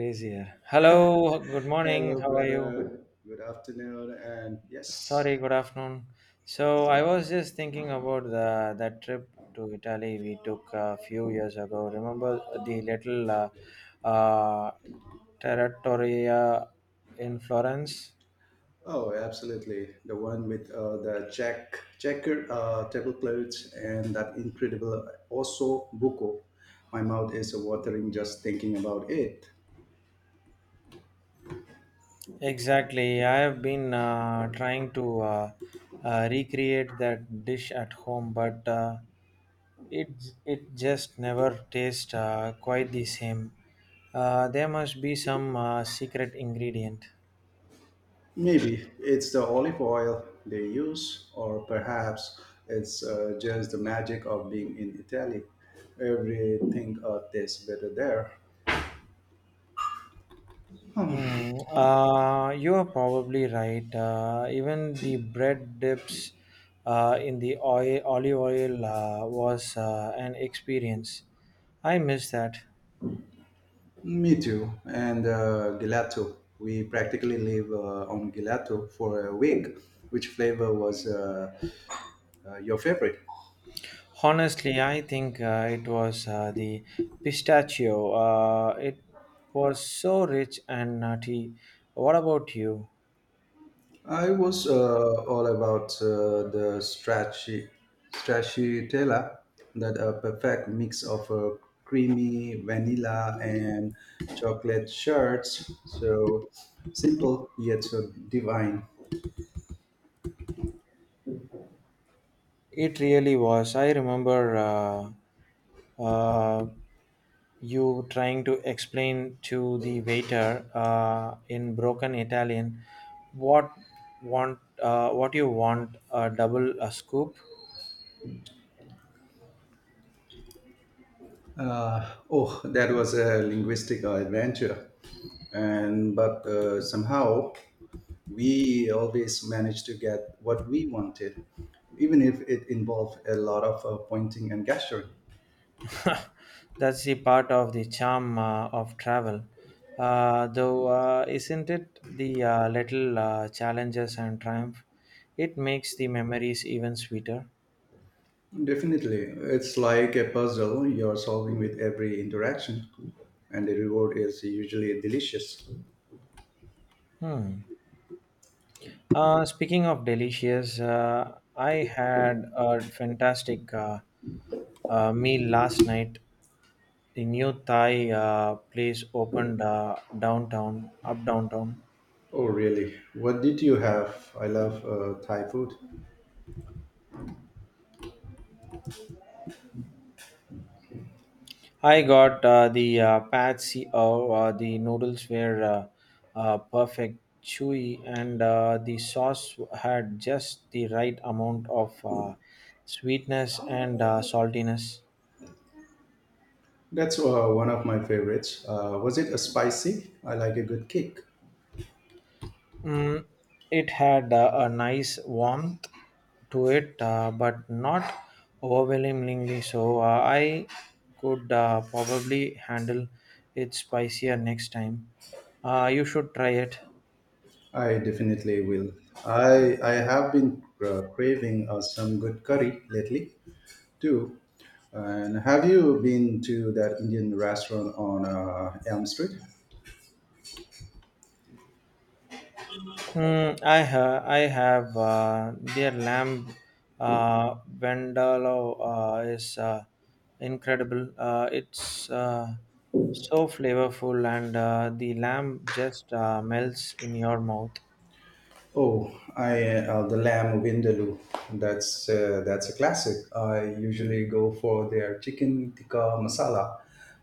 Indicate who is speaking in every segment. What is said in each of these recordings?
Speaker 1: Easier. Hello, good morning.
Speaker 2: Hello,
Speaker 1: How are you?
Speaker 2: brother. Good afternoon. And yes,
Speaker 1: Sorry, good afternoon. So
Speaker 2: yes.
Speaker 1: I was just thinking about the that trip to Italy we took a few years ago. Remember the little uh, Trattoria in Florence?
Speaker 2: Oh, absolutely. The one with the checkered tablecloths and that incredible osso buco. My mouth is watering just thinking about it.
Speaker 1: Exactly. I have been trying to recreate that dish at home, but it just never tastes quite the same. There must be some secret ingredient.
Speaker 2: Maybe it's the olive oil they use, or perhaps it's just the magic of being in Italy. Everything tastes better there.
Speaker 1: Hmm. You are probably right. Even the bread dips in the olive oil was an experience. I miss that.
Speaker 2: Me too. And gelato. We practically live on gelato for a week. Which flavor was your favorite?
Speaker 1: Honestly, I think it was the pistachio. It was so rich and nutty. What about you?
Speaker 2: I was all about the stracciatella, that a perfect mix of creamy vanilla and chocolate shards. So simple yet so divine.
Speaker 1: It really was. I remember uh, you trying to explain to the waiter in broken Italian what what you want a double a scoop.
Speaker 2: Oh, that was a linguistic adventure, and but somehow we always managed to get what we wanted, even if it involved a lot of pointing and gesturing.
Speaker 1: That's the part of the charm of travel. Though, isn't it the little challenges and triumph? It makes the memories even sweeter.
Speaker 2: Definitely, it's like a puzzle you're solving with every interaction, and the reward is usually delicious.
Speaker 1: Hmm. Speaking of delicious, I had a fantastic meal last night. The new Thai place opened up downtown.
Speaker 2: Oh, really? What did you have? I love Thai food.
Speaker 1: I got the pad see oh, the noodles were perfect, chewy, and the sauce had just the right amount of sweetness and saltiness.
Speaker 2: That's one of my favorites. Was it a spicy? I like a good kick.
Speaker 1: Mm, it had a nice warmth to it, but not overwhelmingly so. I could probably handle it spicier next time. You should try it.
Speaker 2: I definitely will. I have been craving some good curry lately too. And have you been to that Indian restaurant on Elm Street?
Speaker 1: I have their lamb vindaloo, is incredible. It's so flavorful, and the lamb just melts in your mouth.
Speaker 2: Oh, I, the lamb vindaloo. That's a classic. I usually go for their chicken tikka masala,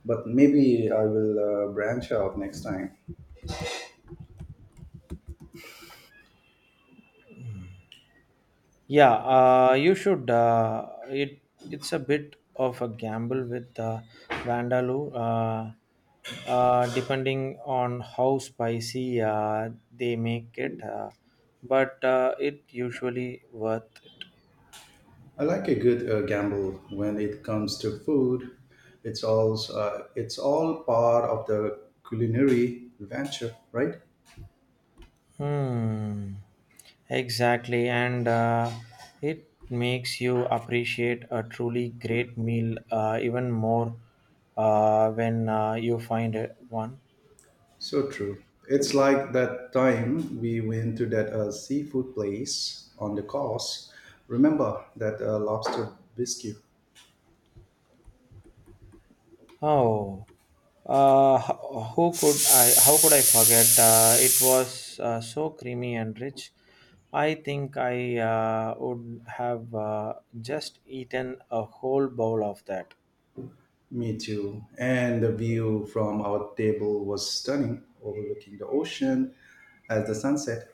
Speaker 2: but maybe I will branch out next time.
Speaker 1: Yeah, you should. It's a bit of a gamble with Vandaloo, depending on how spicy they make it, but it usually worth it.
Speaker 2: I like a good gamble when it comes to food. It's all part of the culinary adventure, right?
Speaker 1: Hmm. Exactly, and it makes you appreciate a truly great meal even more when you find it one.
Speaker 2: So true. It's like that time we went to that seafood place on the coast. Remember that lobster biscuit?
Speaker 1: Oh, who could I? How could I forget? It was so creamy and rich. I think I would have just eaten a whole bowl of that.
Speaker 2: Me too. And the view from our table was stunning, overlooking the ocean as the sunset.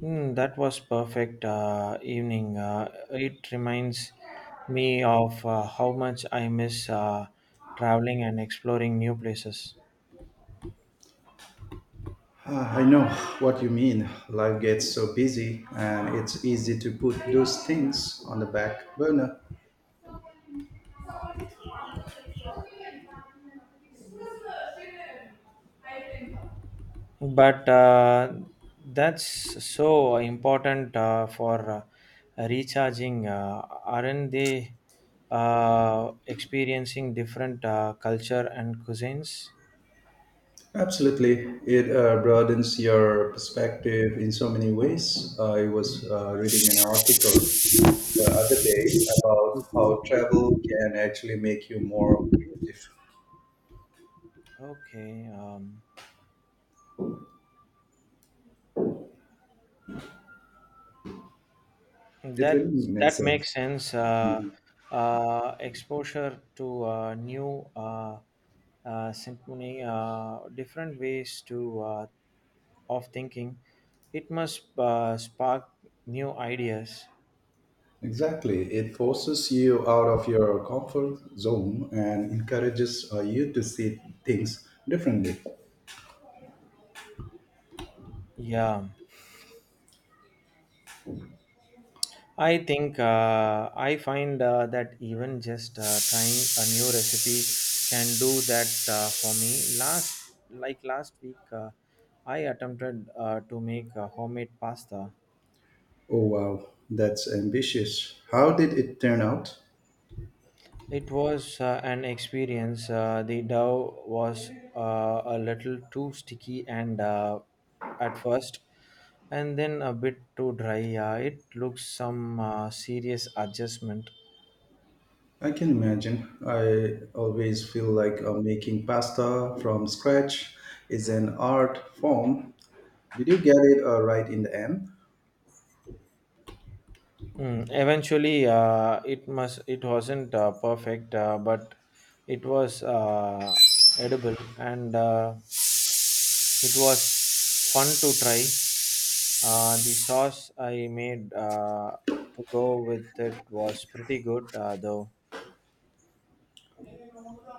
Speaker 1: Hmm, that was perfect evening. It reminds me of how much I miss traveling and exploring new places.
Speaker 2: Ah, I know what you mean. Life gets so busy, and it's easy to put those things on the back burner.
Speaker 1: But that's so important for recharging, aren't they experiencing different culture and cuisines?
Speaker 2: Absolutely. It broadens your perspective in so many ways. I was reading an article the other day about how travel can actually make you more creative.
Speaker 1: Okay. um,
Speaker 2: It really
Speaker 1: that
Speaker 2: makes
Speaker 1: that
Speaker 2: sense.
Speaker 1: makes sense. Exposure to new symphony, different ways to of thinking, it must spark new ideas.
Speaker 2: Exactly. It forces you out of your comfort zone and encourages you to see things differently.
Speaker 1: Yeah, I think I find that even just trying a new recipe can do that for me. Like last week, I attempted to make homemade pasta.
Speaker 2: Oh wow, that's ambitious. How did it turn out?
Speaker 1: It was an experience. The dough was a little too sticky and at first, and then a bit too dry. It looks some serious adjustment.
Speaker 2: I can imagine. I always feel like making pasta from scratch is an art form. Did you get it right in the end?
Speaker 1: Mm, eventually, it wasn't perfect, but it was edible, and it was fun to try. The sauce I made to go with it was pretty good, though.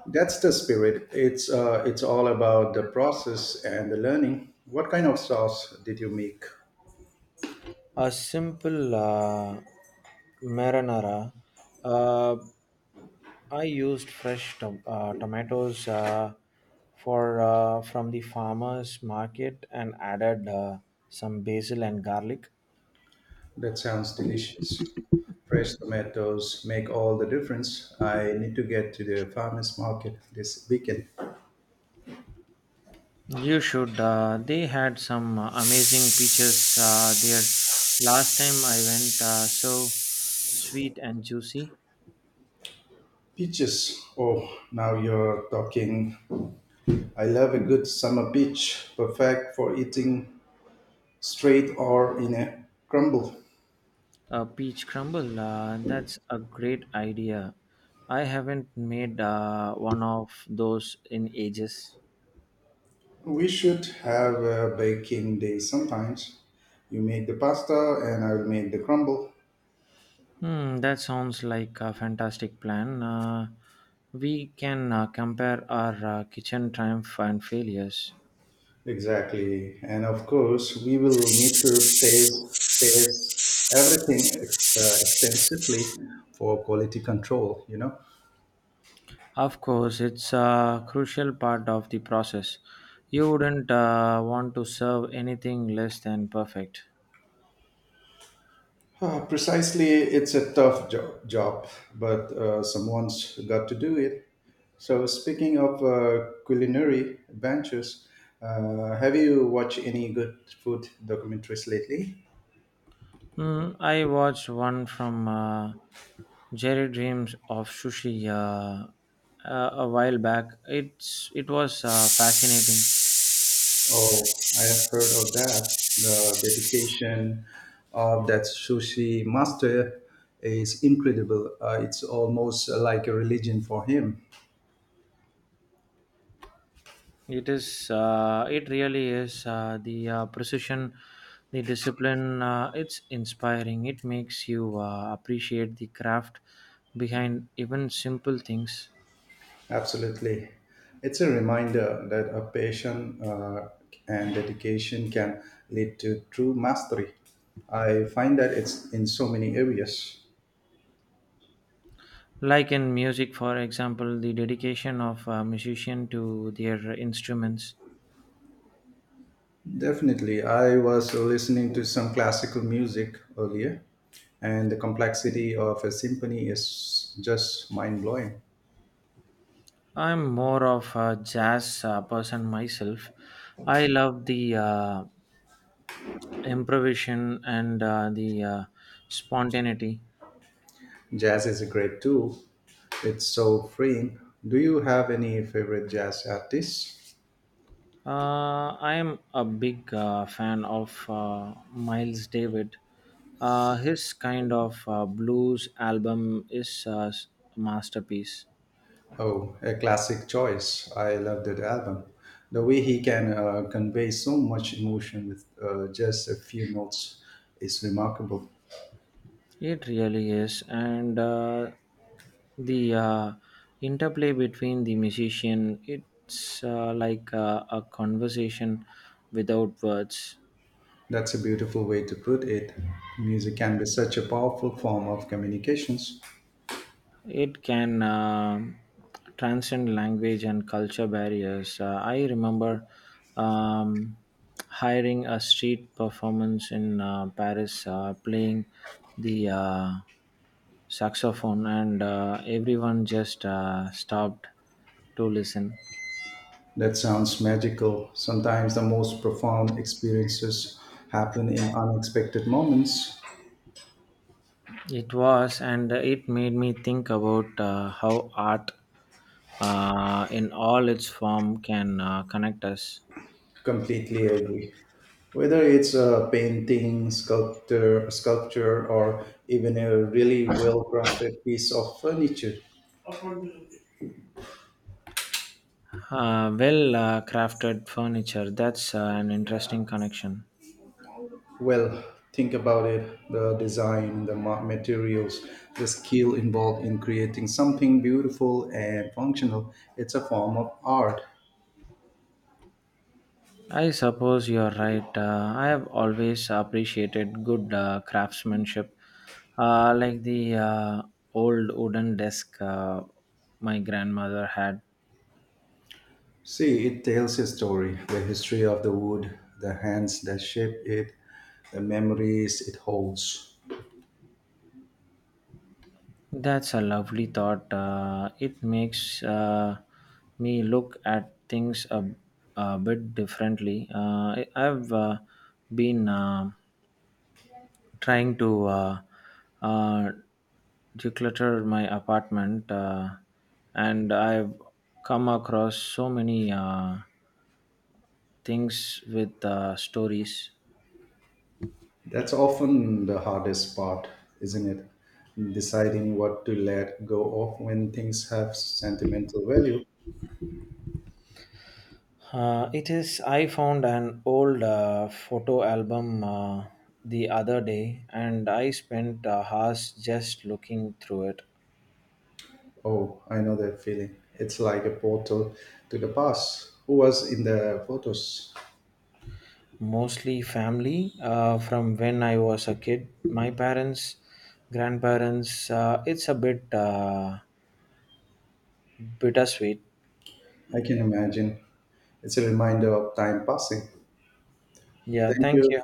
Speaker 2: That's the spirit. It's all about the process and the learning. What kind of sauce did you make?
Speaker 1: A simple marinara. Uh, I used fresh tomatoes for from the farmers market, and added some basil and garlic.
Speaker 2: That sounds delicious. Fresh tomatoes make all the difference. I need to get to the farmers market this weekend.
Speaker 1: You should. They had some amazing peaches there. Last time I went, so sweet and juicy.
Speaker 2: Beaches. Oh, now you're talking. I love a good summer beach, perfect for eating straight or in a crumble.
Speaker 1: A peach crumble. That's a great idea. I haven't made one of those in ages.
Speaker 2: We should have a baking day sometimes. You make the pasta and I will make the crumble.
Speaker 1: Hmm, that sounds like a fantastic plan. We can compare our kitchen triumph and failures.
Speaker 2: Exactly. And of course, we will need to taste everything extensively for quality control, you know.
Speaker 1: Of course, it's a crucial part of the process. You wouldn't want to serve anything less than perfect.
Speaker 2: Precisely, it's a tough job, but someone's got to do it. So, speaking of culinary ventures, have you watched any good food documentaries lately?
Speaker 1: Hmm, I watched one from Jerry Dreams of Sushi a while back. It was fascinating.
Speaker 2: Oh, I have heard of that. The dedication of that sushi master is incredible. It's almost like a religion for him.
Speaker 1: It is. It really is. The precision, the discipline. It's inspiring. It makes you appreciate the craft behind even simple things.
Speaker 2: Absolutely. It's a reminder that a passion and dedication can lead to true mastery. I find that it's in so many areas.
Speaker 1: Like in music, for example, the dedication of a musician to their instruments.
Speaker 2: Definitely. I was listening to some classical music earlier, and the complexity of a symphony is just mind blowing.
Speaker 1: I'm more of a jazz person myself. I love the improvisation and the spontaneity.
Speaker 2: Jazz is a great tool, it's so freeing. Do you have any favorite jazz artists?
Speaker 1: I am a big fan of Miles David. His kind of blues album is a masterpiece.
Speaker 2: Oh, a classic choice. I love that album. The way he can convey so much emotion with just a few notes is remarkable.
Speaker 1: It really is, and the interplay between the musician, it's like a conversation without words.
Speaker 2: That's a beautiful way to put it. Music can be such a powerful form of communications.
Speaker 1: It can transcend language and culture barriers. I remember um, hiring a street performance in Paris, playing the saxophone, and everyone just stopped to listen.
Speaker 2: That sounds magical. Sometimes the most profound experiences happen in unexpected moments.
Speaker 1: It was, and it made me think about how art in all its form can connect us.
Speaker 2: Completely agree. Whether it's a painting, sculptor, sculpture, or even a really well-crafted piece of furniture,
Speaker 1: Well, crafted furniture, that's an interesting connection.
Speaker 2: well, think about it: the design, the materials, the skill involved in creating something beautiful and functional. It's a form of art.
Speaker 1: I suppose you're right. I have always appreciated good craftsmanship, like the old wooden desk my grandmother had.
Speaker 2: See, it tells a story, the history of the wood, the hands that shape it, the memories it holds.
Speaker 1: That's a lovely thought. It makes me look at things a bit differently. I've been trying to uh, declutter my apartment, and I've come across so many things with stories.
Speaker 2: That's often the hardest part, isn't it? Deciding what to let go of when things have sentimental value.
Speaker 1: It is. I found an old photo album the other day, and I spent hours just looking through it.
Speaker 2: Oh, I know that feeling. It's like a portal to the past. Who was in the photos?
Speaker 1: Mostly family from when I was a kid, my parents, grandparents. It's a bit bittersweet.
Speaker 2: I can imagine. It's a reminder of time passing.
Speaker 1: Yeah,
Speaker 2: Thank
Speaker 1: thank
Speaker 2: you.
Speaker 1: you.